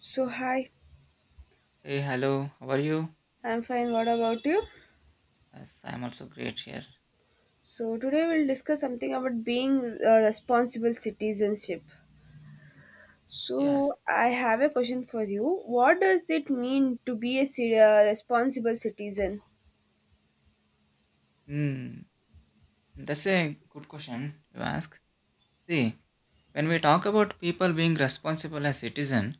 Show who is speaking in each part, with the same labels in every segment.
Speaker 1: So, hi,
Speaker 2: Hey, hello. How are you?
Speaker 1: I'm fine. What about you?
Speaker 2: Yes, I'm also great here.
Speaker 1: So, today we'll discuss something about being responsible citizenship.
Speaker 2: Yes.
Speaker 1: So, I have a question for you. What does it mean to be a responsible citizen?
Speaker 2: Hmm. That's a good question you ask. See, when we talk about people being responsible as citizen,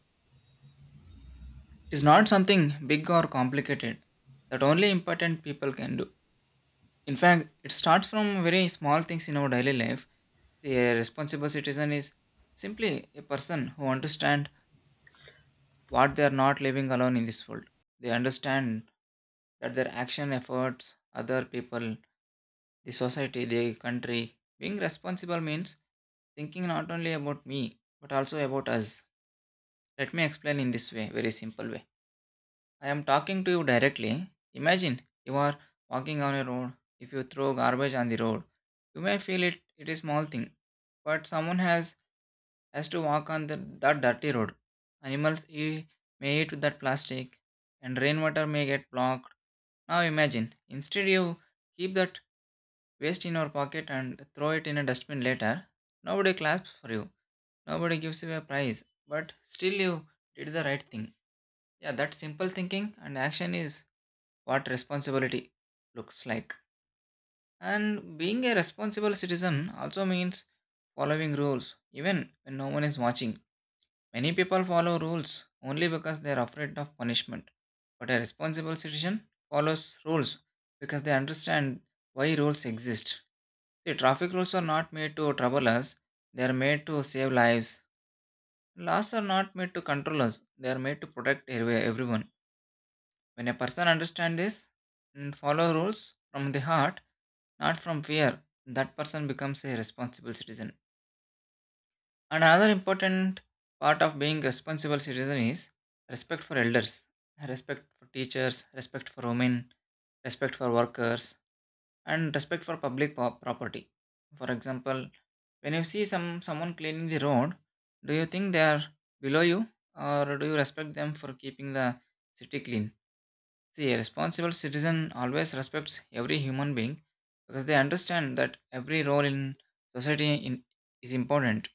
Speaker 2: it is not something big or complicated that only important people can do. In fact, it starts from very small things in our daily life. See, a responsible citizen is simply a person who understands what they are not living alone in this world. They understand that their action, efforts, other people, the society, the country. Being responsible means thinking not only about me but also about us. Let me explain in this way, very simple way. I am talking to you directly. Imagine you are walking on a road. If you throw garbage on the road, you may feel it is small thing, but someone has to walk on the, that dirty road. Animals e- may eat that plastic, and rainwater may get blocked. Now imagine instead you keep that waste in your pocket and throw it in a dustbin later. Nobody claps for you. Nobody gives you a prize. But still, you did the right thing. Yeah, that simple thinking and action is what responsibility looks like. And being a responsible citizen also means following rules, even when no one is watching. Many people follow rules only because they are afraid of punishment. But a responsible citizen follows rules because they understand why rules exist. See, traffic rules are not made to trouble us, they are made to save lives. Laws are not made to control us, they are made to protect everyone. When a person understands this and follow rules from the heart, not from fear, that person becomes a responsible citizen. And another important part of being responsible citizen is respect for elders, respect for teachers, respect for women, respect for workers, and respect for public property. For example, when you see someone cleaning the road, do you think they are below you, or do you respect them for keeping the city clean? See, a responsible citizen always respects every human being because they understand that every role in society, in, is important.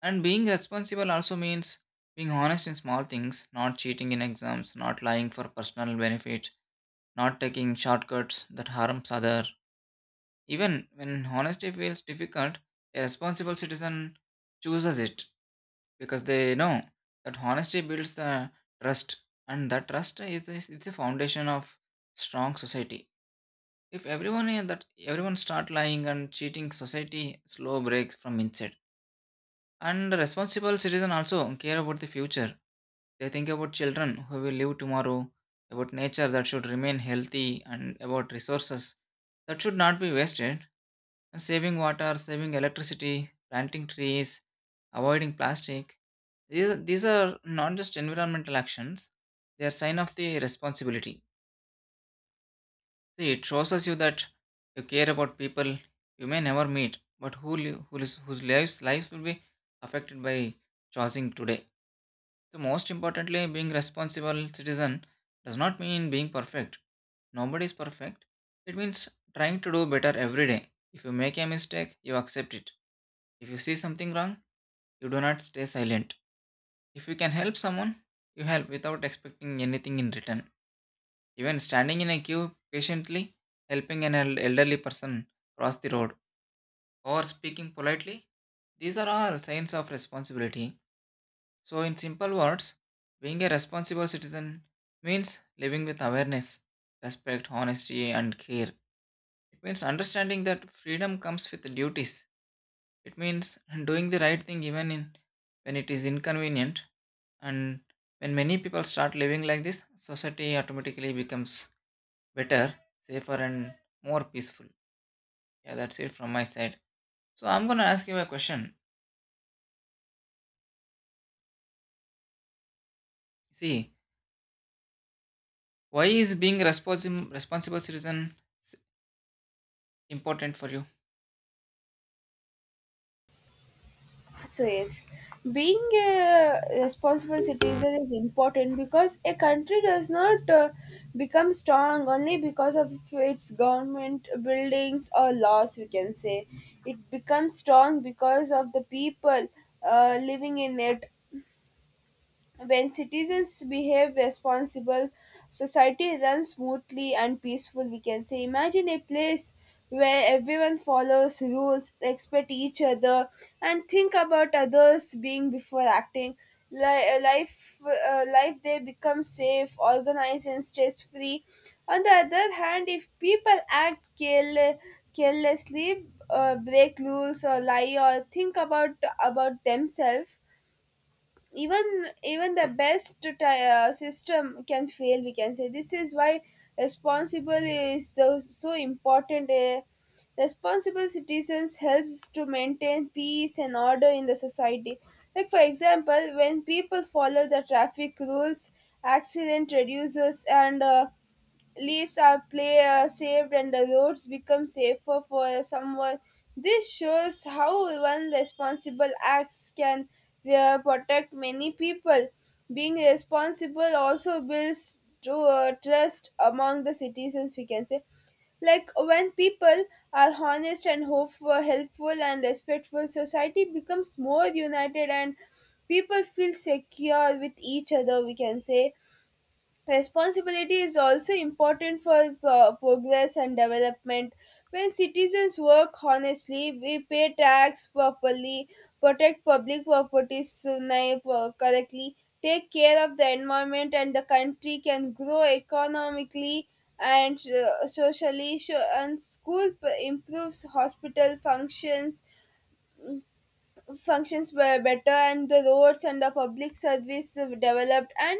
Speaker 2: And being responsible also means being honest in small things, not cheating in exams, not lying for personal benefit, not taking shortcuts that harms other, even when honesty feels difficult, a responsible citizen chooses it because they know that honesty builds the trust, and that trust is the foundation of strong society. If everyone is that everyone start lying and cheating, society slow breaks from inside. And the responsible citizen also care about the future. They think about children who will live tomorrow, about nature that should remain healthy, and about resources that should not be wasted, and saving water, saving electricity, planting trees, avoiding plastic. These are not just environmental actions, they are sign of the responsibility. See, it shows us you that you care about people you may never meet, but who, who is, whose lives, lives will be affected by choosing today. So most importantly, being responsible citizen does not mean being perfect. Nobody is perfect. It means trying to do better every day. If you make a mistake, you accept it. If you see something wrong, you do not stay silent. If you can help someone, you help without expecting anything in return. Even standing in a queue patiently, helping an elderly person cross the road, or speaking politely, these are all signs of responsibility. So, in simple words, being a responsible citizen means living with awareness, respect, honesty, and care. It means understanding that freedom comes with duties. It means doing the right thing even in when it is inconvenient, and when many people start living like this, society automatically becomes better, safer, and more peaceful. Yeah, that's it from my side. So I'm going to ask you a question. See, why is being a responsible citizen s- important for you?
Speaker 1: So yes, being a responsible citizen is important because a country does not become strong only because of its government buildings or laws. We can say it becomes strong because of the people living in it when citizens behave responsible, society runs smoothly and peaceful, we can say. Imagine a place where everyone follows rules, respect each other, and think about others being before acting. Life, life there becomes safe, organized, and stress free. On the other hand, if people act carelessly, break rules or lie or think about themselves, even the best system can fail, we can say. This is why responsible is the so important, responsible citizens helps to maintain peace and order in the society, like for example when people follow the traffic rules, accident reduces and leaves are play saved and the roads become safer for someone. This shows how one responsible acts can protect many people. Being responsible also builds to, trust among the citizens, we can say. Like when people are honest and hopeful, helpful and respectful, society becomes more united and people feel secure with each other, we can say. Responsibility is also important for progress and development. When citizens work honestly, we pay tax properly, protect public property correctly, take care of the environment, and the country can grow economically and socially. And school improves, hospital functions functions were better and the roads and the public service developed, and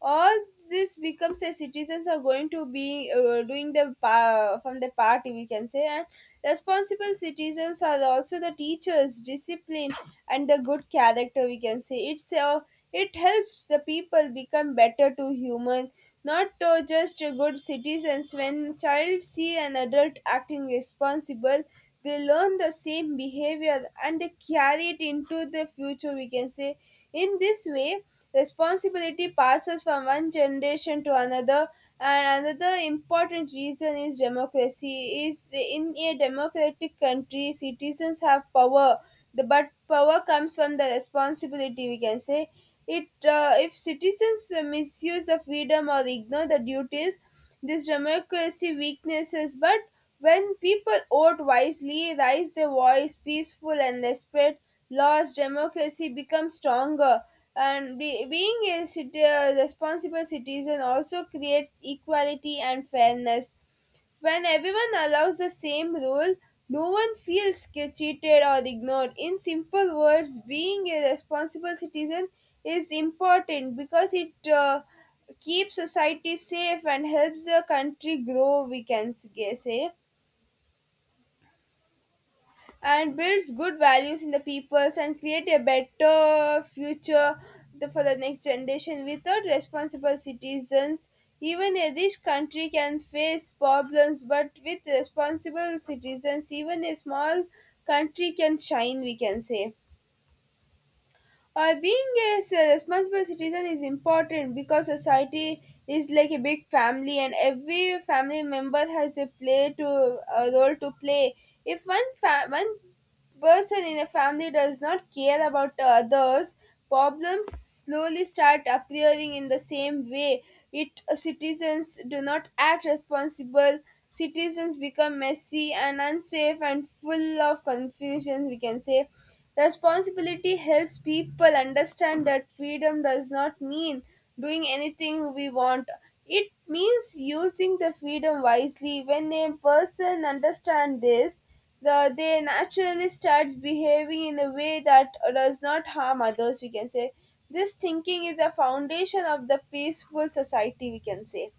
Speaker 1: all this becomes that citizens are going to be doing the from the party, we can say. And responsible citizens are also the teachers discipline and the good character, we can say, it's it helps the people become better to human, not just good citizens. When child see an adult acting responsible, they learn the same behavior and they carry it into the future, we can say. In this way, responsibility passes from one generation to another. And another important reason is democracy. Is in a democratic country citizens have power, the but power comes from the responsibility, we can say. It If citizens misuse the freedom or ignore the duties, this democracy weaknesses, but when people vote wisely, raise their voice peaceful and respect laws, democracy becomes stronger. And being a responsible citizen also creates equality and fairness. When everyone allows the same rule, no one feels cheated or ignored. In simple words, being a responsible citizen is important because it keeps society safe and helps the country grow, we can say, and builds good values in the peoples and create a better future for the next generation. Without responsible citizens even a rich country can face problems, but with responsible citizens even a small country can shine, we can say. Being a responsible citizen is important because society is like a big family and every family member has a role to play. If one person in a family does not care about the others, problems slowly start appearing in the same way. It citizens do not act responsible. Citizens become messy and unsafe and full of confusion, we can say. Responsibility helps people understand that freedom does not mean doing anything we want. It means using the freedom wisely. When a person understands this, they naturally starts behaving in a way that does not harm others, we can say. This thinking is the foundation of the peaceful society, we can say.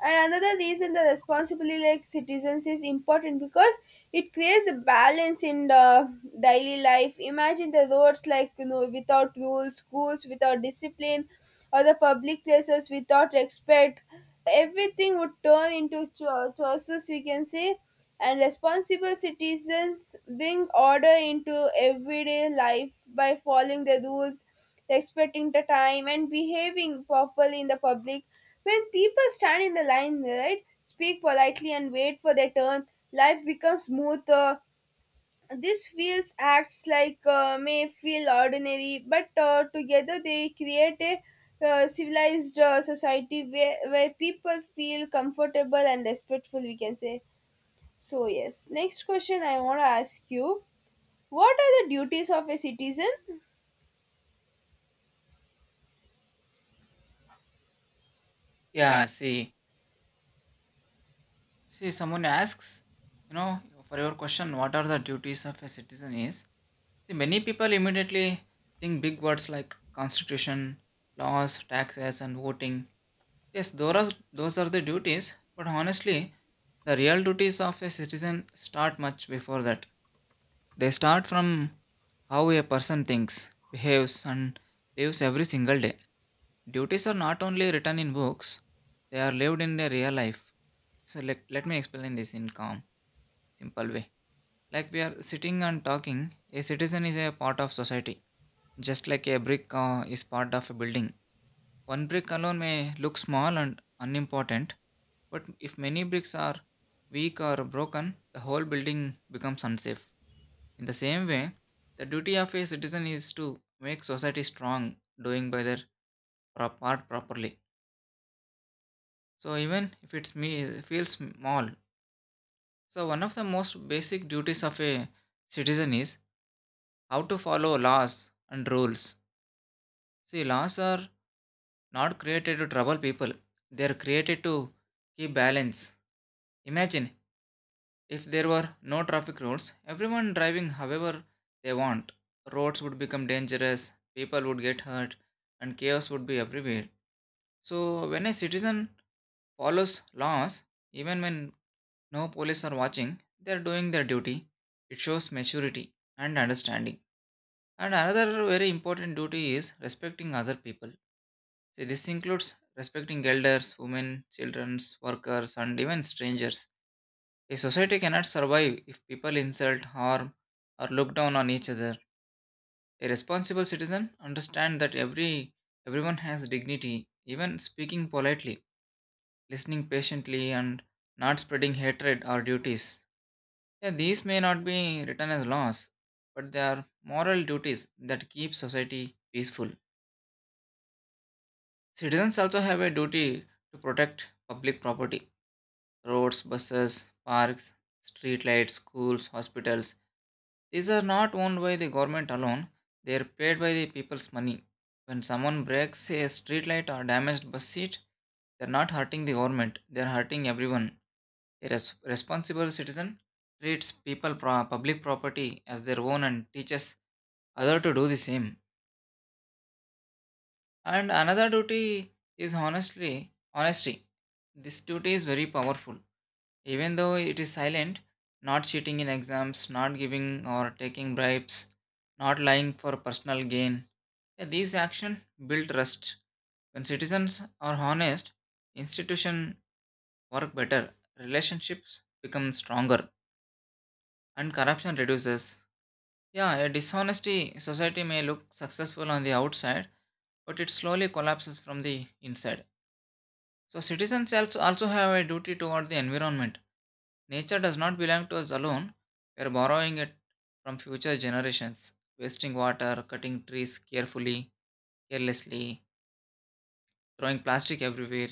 Speaker 1: And another reason the responsibility like citizens is important because it creates a balance in the daily life. Imagine the roads, like you know, without rules, schools without discipline, or the public places without respect. Everything would turn into choices, we can say, and responsible citizens bring order into everyday life by following the rules, respecting the time and behaving properly in the public. When people stand in the line, right, speak politely and wait for their turn, life becomes smoother. This feels acts like, may feel ordinary, but together they create a civilized society where people feel comfortable and respectful, we can say. So, yes. Next question I want to ask you, what are the duties of a citizen?
Speaker 2: Yeah, see. See, someone asks, you know, for your question, what are the duties of a citizen is? See, many people immediately think big words like constitution, laws, taxes, and voting. Yes, those are the duties, but honestly, the real duties of a citizen start much before that. They start from how a person thinks, behaves, and lives every single day. Duties are not only written in books, they are lived in their real life. So, let me explain this in calm, simple way. Like we are sitting and talking, a citizen is a part of society. Just like a brick is part of a building, one brick alone may look small and unimportant, but if many bricks are weak or broken, the whole building becomes unsafe. In the same way, the duty of a citizen is to make society strong, doing by their part properly. So even if it's me feels small. So one of the most basic duties of a citizen is how to follow laws and rules. See, laws are not created to trouble people. They are created to keep balance. Imagine if there were no traffic rules, everyone driving however they want. Roads would become dangerous, people would get hurt, and chaos would be everywhere. So, when a citizen follows laws, even when no police are watching, they are doing their duty. It shows maturity and understanding. And another very important duty is respecting other people. See, this includes respecting elders, women, children, workers, and even strangers. A society cannot survive if people insult, harm, or look down on each other. A responsible citizen understands that everyone has dignity, even speaking politely, listening patiently, and not spreading hatred or duties. Yeah, these may not be written as laws, but they are moral duties that keep society peaceful. Citizens also have a duty to protect public property, roads, buses, parks, streetlights, schools, hospitals. These are not owned by the government alone, they are paid by the people's money. When someone breaks a streetlight or damaged bus seat, they're not hurting the government, they're hurting everyone. A responsible citizen treats people public property as their own and teaches other to do the same. And another duty is honestly honesty. This duty is very powerful. Even though it is silent, not cheating in exams, not giving or taking bribes, not lying for personal gain. Yeah, these actions build trust. When citizens are honest, institutions work better, relationships become stronger, and corruption reduces. Yeah, a dishonesty society may look successful on the outside, but it slowly collapses from the inside. So citizens also have a duty toward the environment. Nature does not belong to us alone. We are borrowing it from future generations, wasting water, cutting trees carefully, carelessly, throwing plastic everywhere.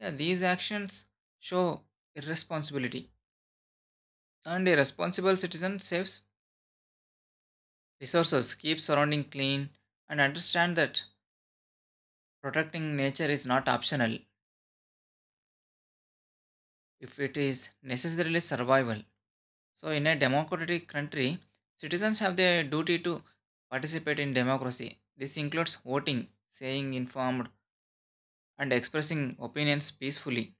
Speaker 2: Yeah, these actions show irresponsibility. And a responsible citizen saves resources, keeps surrounding clean, and understand that protecting nature is not optional. If it is necessarily survival. So, in a democratic country, citizens have the duty to participate in democracy. This includes voting, saying informed, and expressing opinions peacefully.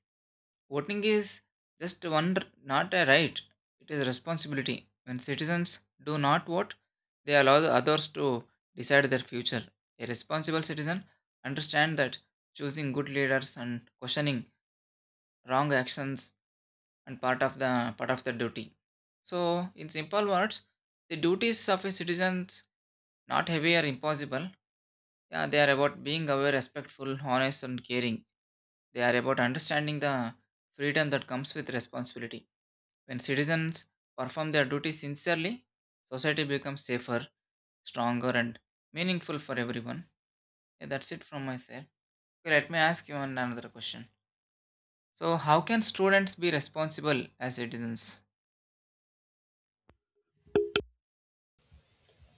Speaker 2: Voting is just one, not a right, it is a responsibility. When citizens do not vote, they allow the others to decide their future. A responsible citizen understands that choosing good leaders and questioning wrong actions and part of the duty. So, in simple words, the duties of a citizens not heavy or impossible. Yeah, they are about being aware, respectful, honest, and caring. They are about understanding the freedom that comes with responsibility. When citizens perform their duties sincerely, society becomes safer, stronger, and meaningful for everyone. Yeah, that's it from my side. Okay, let me ask you one another question. So, how can students be responsible as citizens?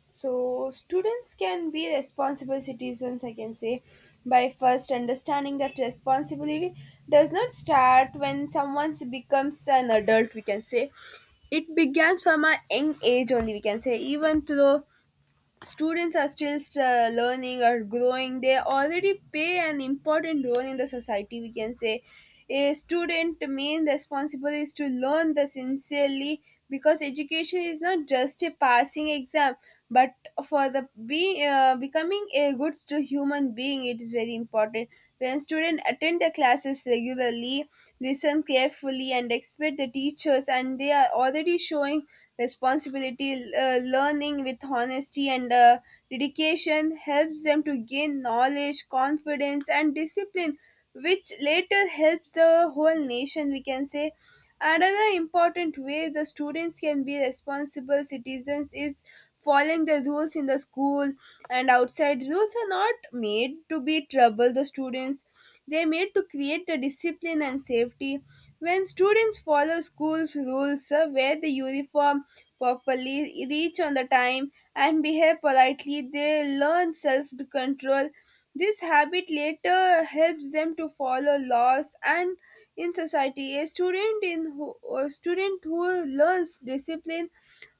Speaker 1: So students can be responsible citizens, I can say, by first understanding that responsibility does not start when someone becomes an adult, we can say. It begins from a young age only, we can say. Even though students are still learning or growing, they already play an important role in the society, we can say. A student main responsibility is to learn the sincerely, because education is not just a passing exam, but for the be becoming a good human being it is very important. When students attend the classes regularly, listen carefully and expect the teachers, and they are already showing responsibility. Learning with honesty and dedication helps them to gain knowledge, confidence, and discipline, which later helps the whole nation, we can say. Another important way the students can be responsible citizens is following the rules in the school and outside. Rules are not made to be trouble the students, they made to create the discipline and safety. When students follow school's rules, wear the uniform properly, reach on the time, and behave politely, they learn self control. This habit later helps them to follow laws and in society. A student who learns discipline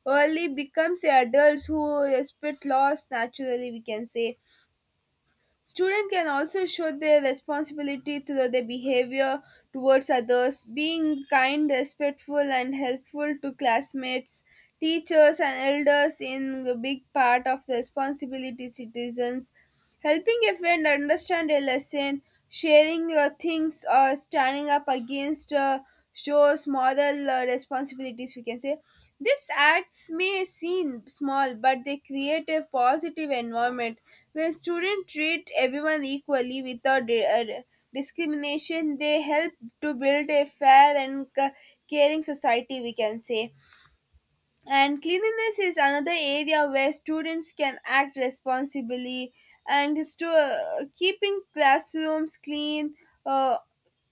Speaker 1: early becomes a adults who respect laws naturally, we can say. Students can also show their responsibility through their behavior towards others, being kind, respectful, and helpful to classmates. Teachers and elders in a big part of responsibility citizens. Helping a friend understand a lesson, sharing things, or standing up against shows moral responsibilities, we can say. These acts may seem small, but they create a positive environment. When students treat everyone equally without discrimination, they help to build a fair and caring society, we can say. And cleanliness is another area where students can act responsibly, and keeping classrooms clean, uh,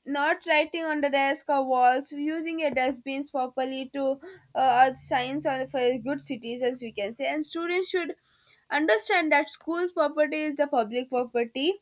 Speaker 1: not writing on the desk or walls, using your dustbins properly to are signs or for good citizens, we can say. And students should understand that school property is the public property.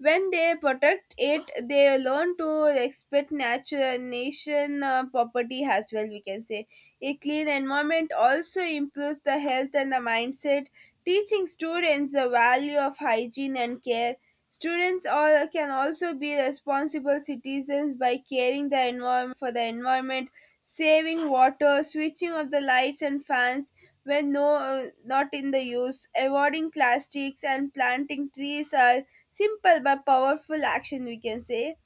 Speaker 1: When they protect it, they learn to respect natural nation property as well, we can say. A clean environment also improves the health and the mindset, teaching students the value of hygiene and care. Students all can also be responsible citizens by caring the environment for the environment, saving water, switching off the lights and fans when no not in the use, avoiding plastics and planting trees are simple but powerful action, we can say.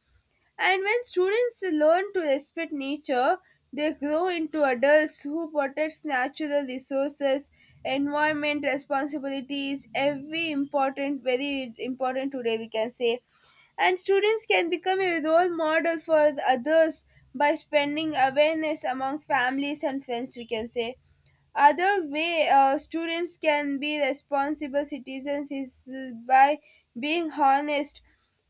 Speaker 1: And when students learn to respect nature, they grow into adults who protect natural resources, environment responsibilities, every important, very important today, we can say. And students can become a role model for others by spreading awareness among families and friends, we can say. Other way students can be responsible citizens is by being honest.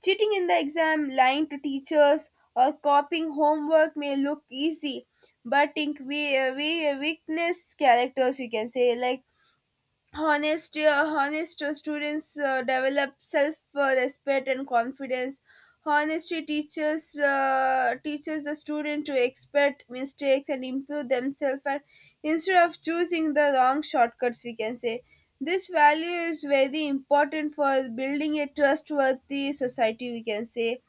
Speaker 1: Cheating in the exam, lying to teachers, or copying homework may look easy, but think we weakness characters, we can say. Like honest students develop self respect and confidence. Honesty teaches the student to expect mistakes and improve themselves, and instead of choosing the wrong shortcuts, we can say. This value is very important for building a trustworthy society, we can say.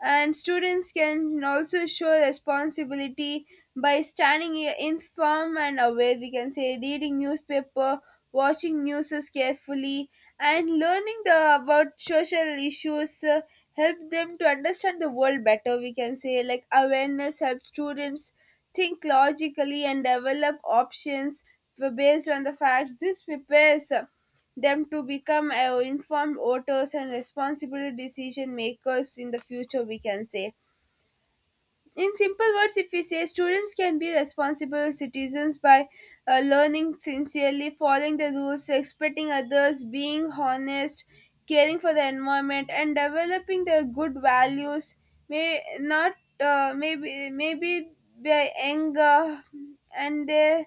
Speaker 1: And students can also show responsibility by standing informed and aware, we can say, reading newspaper, watching news carefully and learning the about social issues, help them to understand the world better, we can say. Like awareness helps students think logically and develop options based on the facts. This prepares them to become informed voters and responsible decision makers in the future, we can say. In simple words, if we say students can be responsible citizens by learning sincerely, following the rules, respecting others, being honest, caring for the environment and developing their good values. May not, maybe their anger and their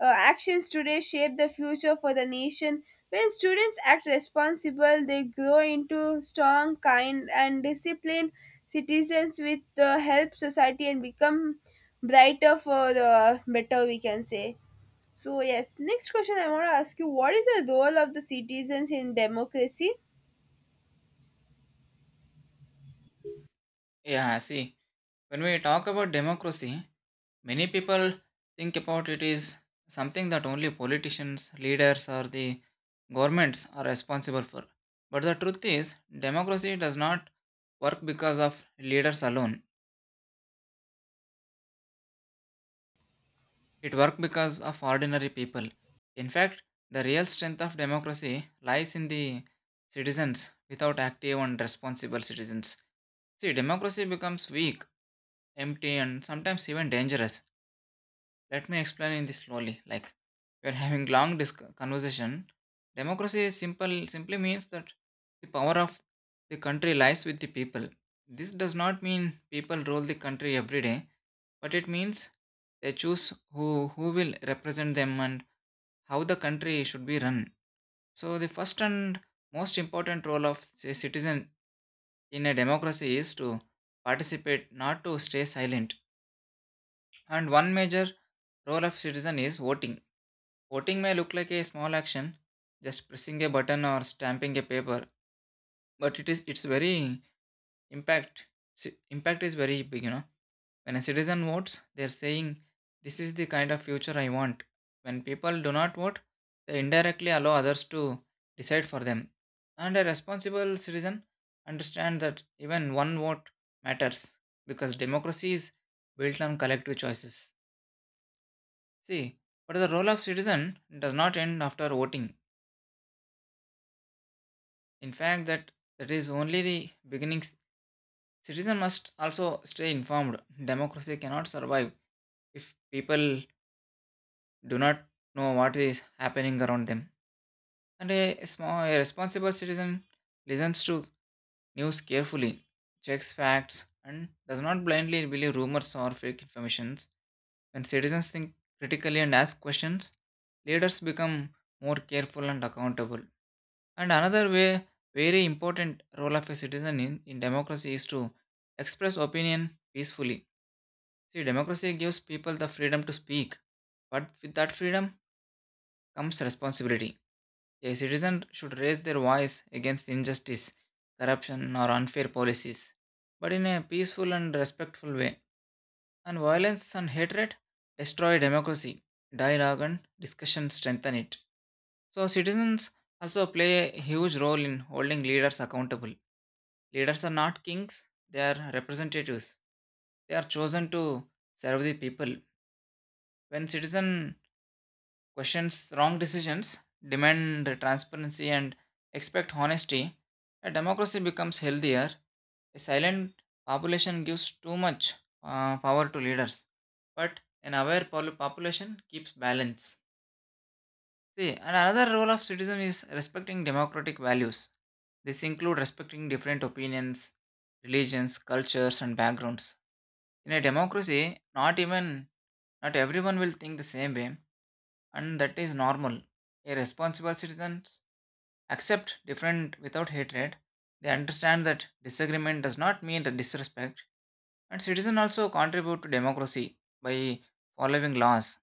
Speaker 1: actions today shape the future for the nation. When students act responsible, they grow into strong, kind, and disciplined citizens with the help society and become brighter for the better, we can say. So, yes, next question I want to ask you, what is the role of the citizens in democracy?
Speaker 2: Yeah, see, when we talk about democracy, many people think about it is something that only politicians, leaders, or the governments are responsible for. But the truth is, democracy does not work because of leaders alone. It works because of ordinary people. In fact, the real strength of democracy lies in the citizens without active and responsible citizens. See, democracy becomes weak, empty, and sometimes even dangerous. Let me explain in this slowly. Like we are having long conversation. Democracy is simple simply means that the power of the country lies with the people. This does not mean people rule the country every day, but it means they choose who who will represent them and how the country should be run. So the first and most important role of a citizen in a democracy is to participate, not to stay silent. And one major role of citizen is voting. Voting may look like a small action, just pressing a button or stamping a paper, but it is its very impact impact is very big, you know. When a citizen votes, they are saying this is the kind of future I want. When people do not vote, they indirectly allow others to decide for them. And a responsible citizen understands that even one vote matters because democracy is built on collective choices. See, but the role of citizen does not end after voting. In fact, that is only the beginning. Citizen must also stay informed. Democracy cannot survive if people do not know what is happening around them. And a responsible citizen listens to news carefully, checks facts, and does not blindly believe rumors or fake informations. When citizens think critically and ask questions, leaders become more careful and accountable. And another way, very important role of a citizen in democracy is to express opinion peacefully. See, democracy gives people the freedom to speak, but with that freedom comes responsibility. A citizen should raise their voice against injustice, corruption, or unfair policies, but in a peaceful and respectful way. And violence and hatred destroy democracy. Dialogue and discussion strengthen it. So, citizens also play a huge role in holding leaders accountable. Leaders are not kings, they are representatives. They are chosen to serve the people. When citizen questions wrong decisions, demand transparency and expect honesty, a democracy becomes healthier. A silent population gives too much power to leaders, but an aware population keeps balance. See, and another role of citizen is respecting democratic values. This include respecting different opinions, religions, cultures, and backgrounds. In a democracy, not everyone will think the same way, and that is normal. A responsible citizens accept different without hatred. They understand that disagreement does not mean the disrespect, and citizens also contribute to democracy by following laws.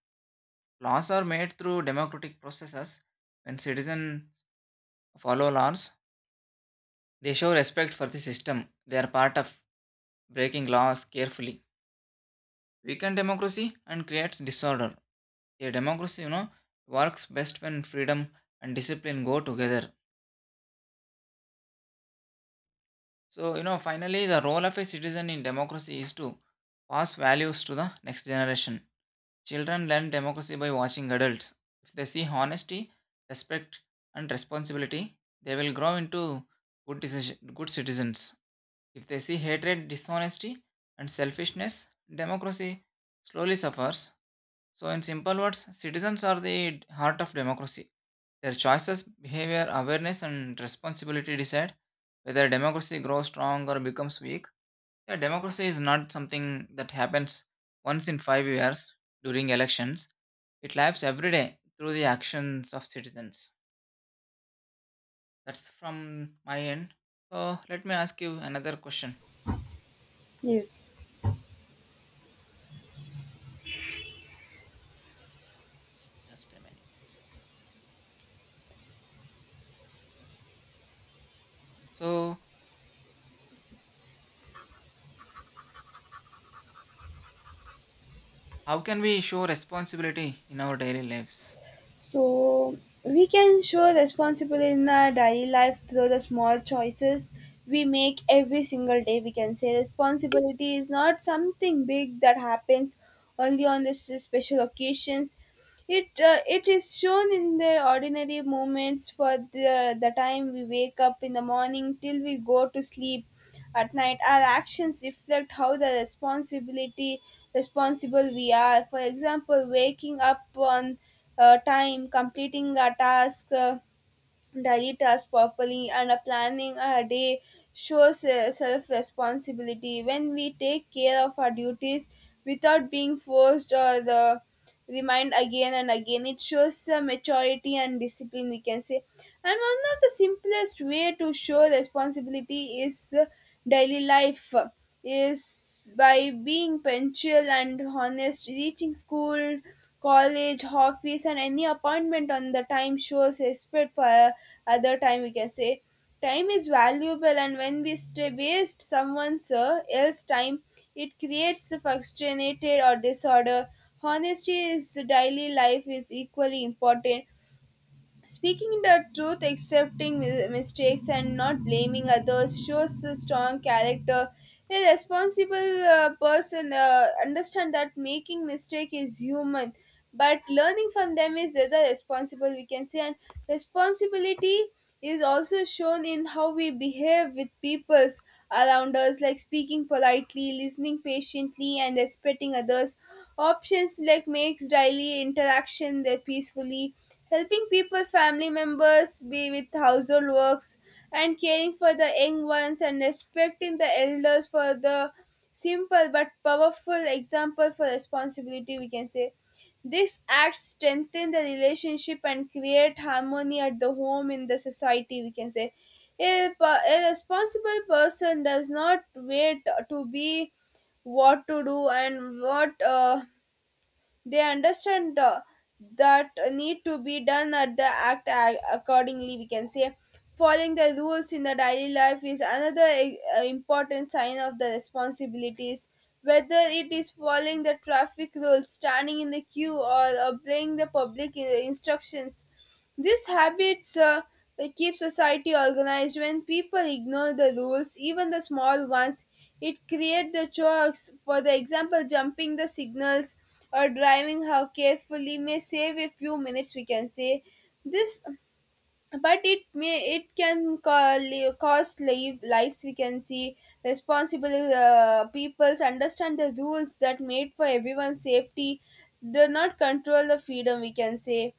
Speaker 2: Laws are made through democratic processes. When citizens follow laws, they show respect for the system. They are part of breaking laws carefully. Weaken democracy and creates disorder. A democracy, you know, works best when freedom and discipline go together. So, you know, finally the role of a citizen in democracy is to pass values to the next generation. Children learn democracy by watching adults. If they see honesty, respect, and responsibility, they will grow into good decision, good citizens. If they see hatred, dishonesty, and selfishness, democracy slowly suffers. So in simple words, citizens are the heart of democracy. Their choices, behavior, awareness, and responsibility decide whether democracy grows strong or becomes weak. Yeah, democracy is not something that happens once in 5 years during elections. It lives every day through the actions of citizens. That's from my end. So let me ask you another question.
Speaker 1: Yes.
Speaker 2: Just a minute. So how can we show responsibility in our daily lives?
Speaker 1: So we can show responsibility in our daily life through the small choices we make every single day. We can say responsibility is not something big that happens only on this special occasions. It is shown in the ordinary moments for the time we wake up in the morning till we go to sleep at night. Our actions reflect how the responsibility responsible we are. For example, waking up on time, completing a task, daily task properly, and planning a day shows self responsibility. When we take care of our duties without being forced or the remind again and again, it shows the maturity and discipline, we can say. And one of the simplest way to show responsibility is daily life is by being punctual and honest, reaching school, college, office, and any appointment on the time shows respect for other time, we can say. Time is valuable, and when we stay waste someone's else time, it creates frustrated or disorder. Honesty is daily life is equally important. Speaking the truth, accepting mistakes, and not blaming others shows a strong character. A responsible person understand that making mistake is human, but learning from them is the other responsible, we can say. And responsibility is also shown in how we behave with peoples around us, like speaking politely, listening patiently, and respecting others. Options like makes daily interaction there peacefully, helping people, family members be with household works, and caring for the young ones and respecting the elders for the simple but powerful example for responsibility, we can say. These acts strengthen the relationship and create harmony at the home in the society, we can say. A responsible person does not wait to be what to do and what they understand that need to be done at the accordingly, we can say. Following the rules in the daily life is another important sign of the responsibilities, whether it is following the traffic rules, standing in the queue, or obeying the public instructions. This habits keep society organized. When people ignore the rules, even the small ones, it creates the chores. For the example, jumping the signals or driving how carefully may save a few minutes, we can say this, but it can cost lives. We can see responsible peoples understand the rules that made for everyone's safety. Do not control the freedom, we can say.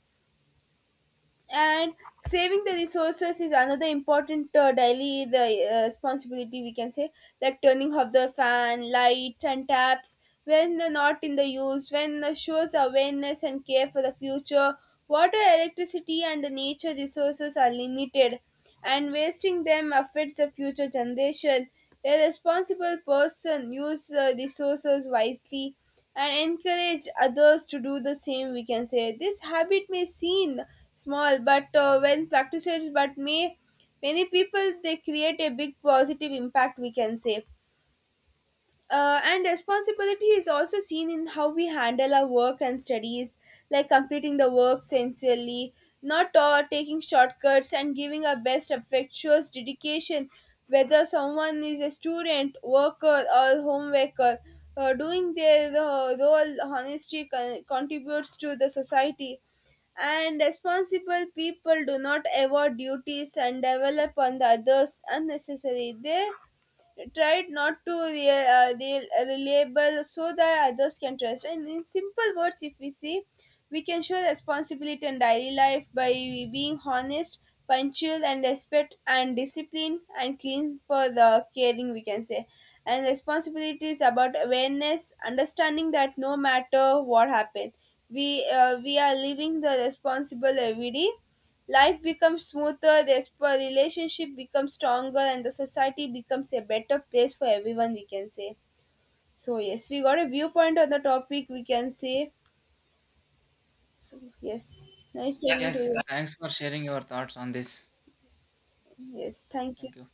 Speaker 1: And saving the resources is another important daily the responsibility, we can say, like turning off the fan, lights, and taps when they're not in the use, when shows awareness and care for the future. Water, electricity, and the nature resources are limited, and wasting them affects the future generation. A responsible person use resources wisely and encourage others to do the same, we can say. This habit may seem small, but when practiced but may many people, they create a big positive impact, we can say. And responsibility is also seen in how we handle our work and studies, like completing the work sincerely, not taking shortcuts, and giving our best effort shows dedication. Whether someone is a student, worker, or home worker, doing their role honestly contributes to the society. And responsible people do not avoid duties and develop on the others unnecessarily. They tried not to reliable so that others can trust. And in simple words, if we say, we can show responsibility in daily life by being honest, punctual, and respect and discipline and clean for the caring, we can say. And responsibility is about awareness, understanding that no matter what happens, we are living the responsible every day. Life becomes smoother, this relationship becomes stronger, and the society becomes a better place for everyone, we can say. So, yes, we got a viewpoint on the topic, we can say. So, yes, nice talking, yes, to
Speaker 2: Yes,
Speaker 1: you.
Speaker 2: thanks for sharing your thoughts on this.
Speaker 1: Yes, thank you.
Speaker 2: Thank you.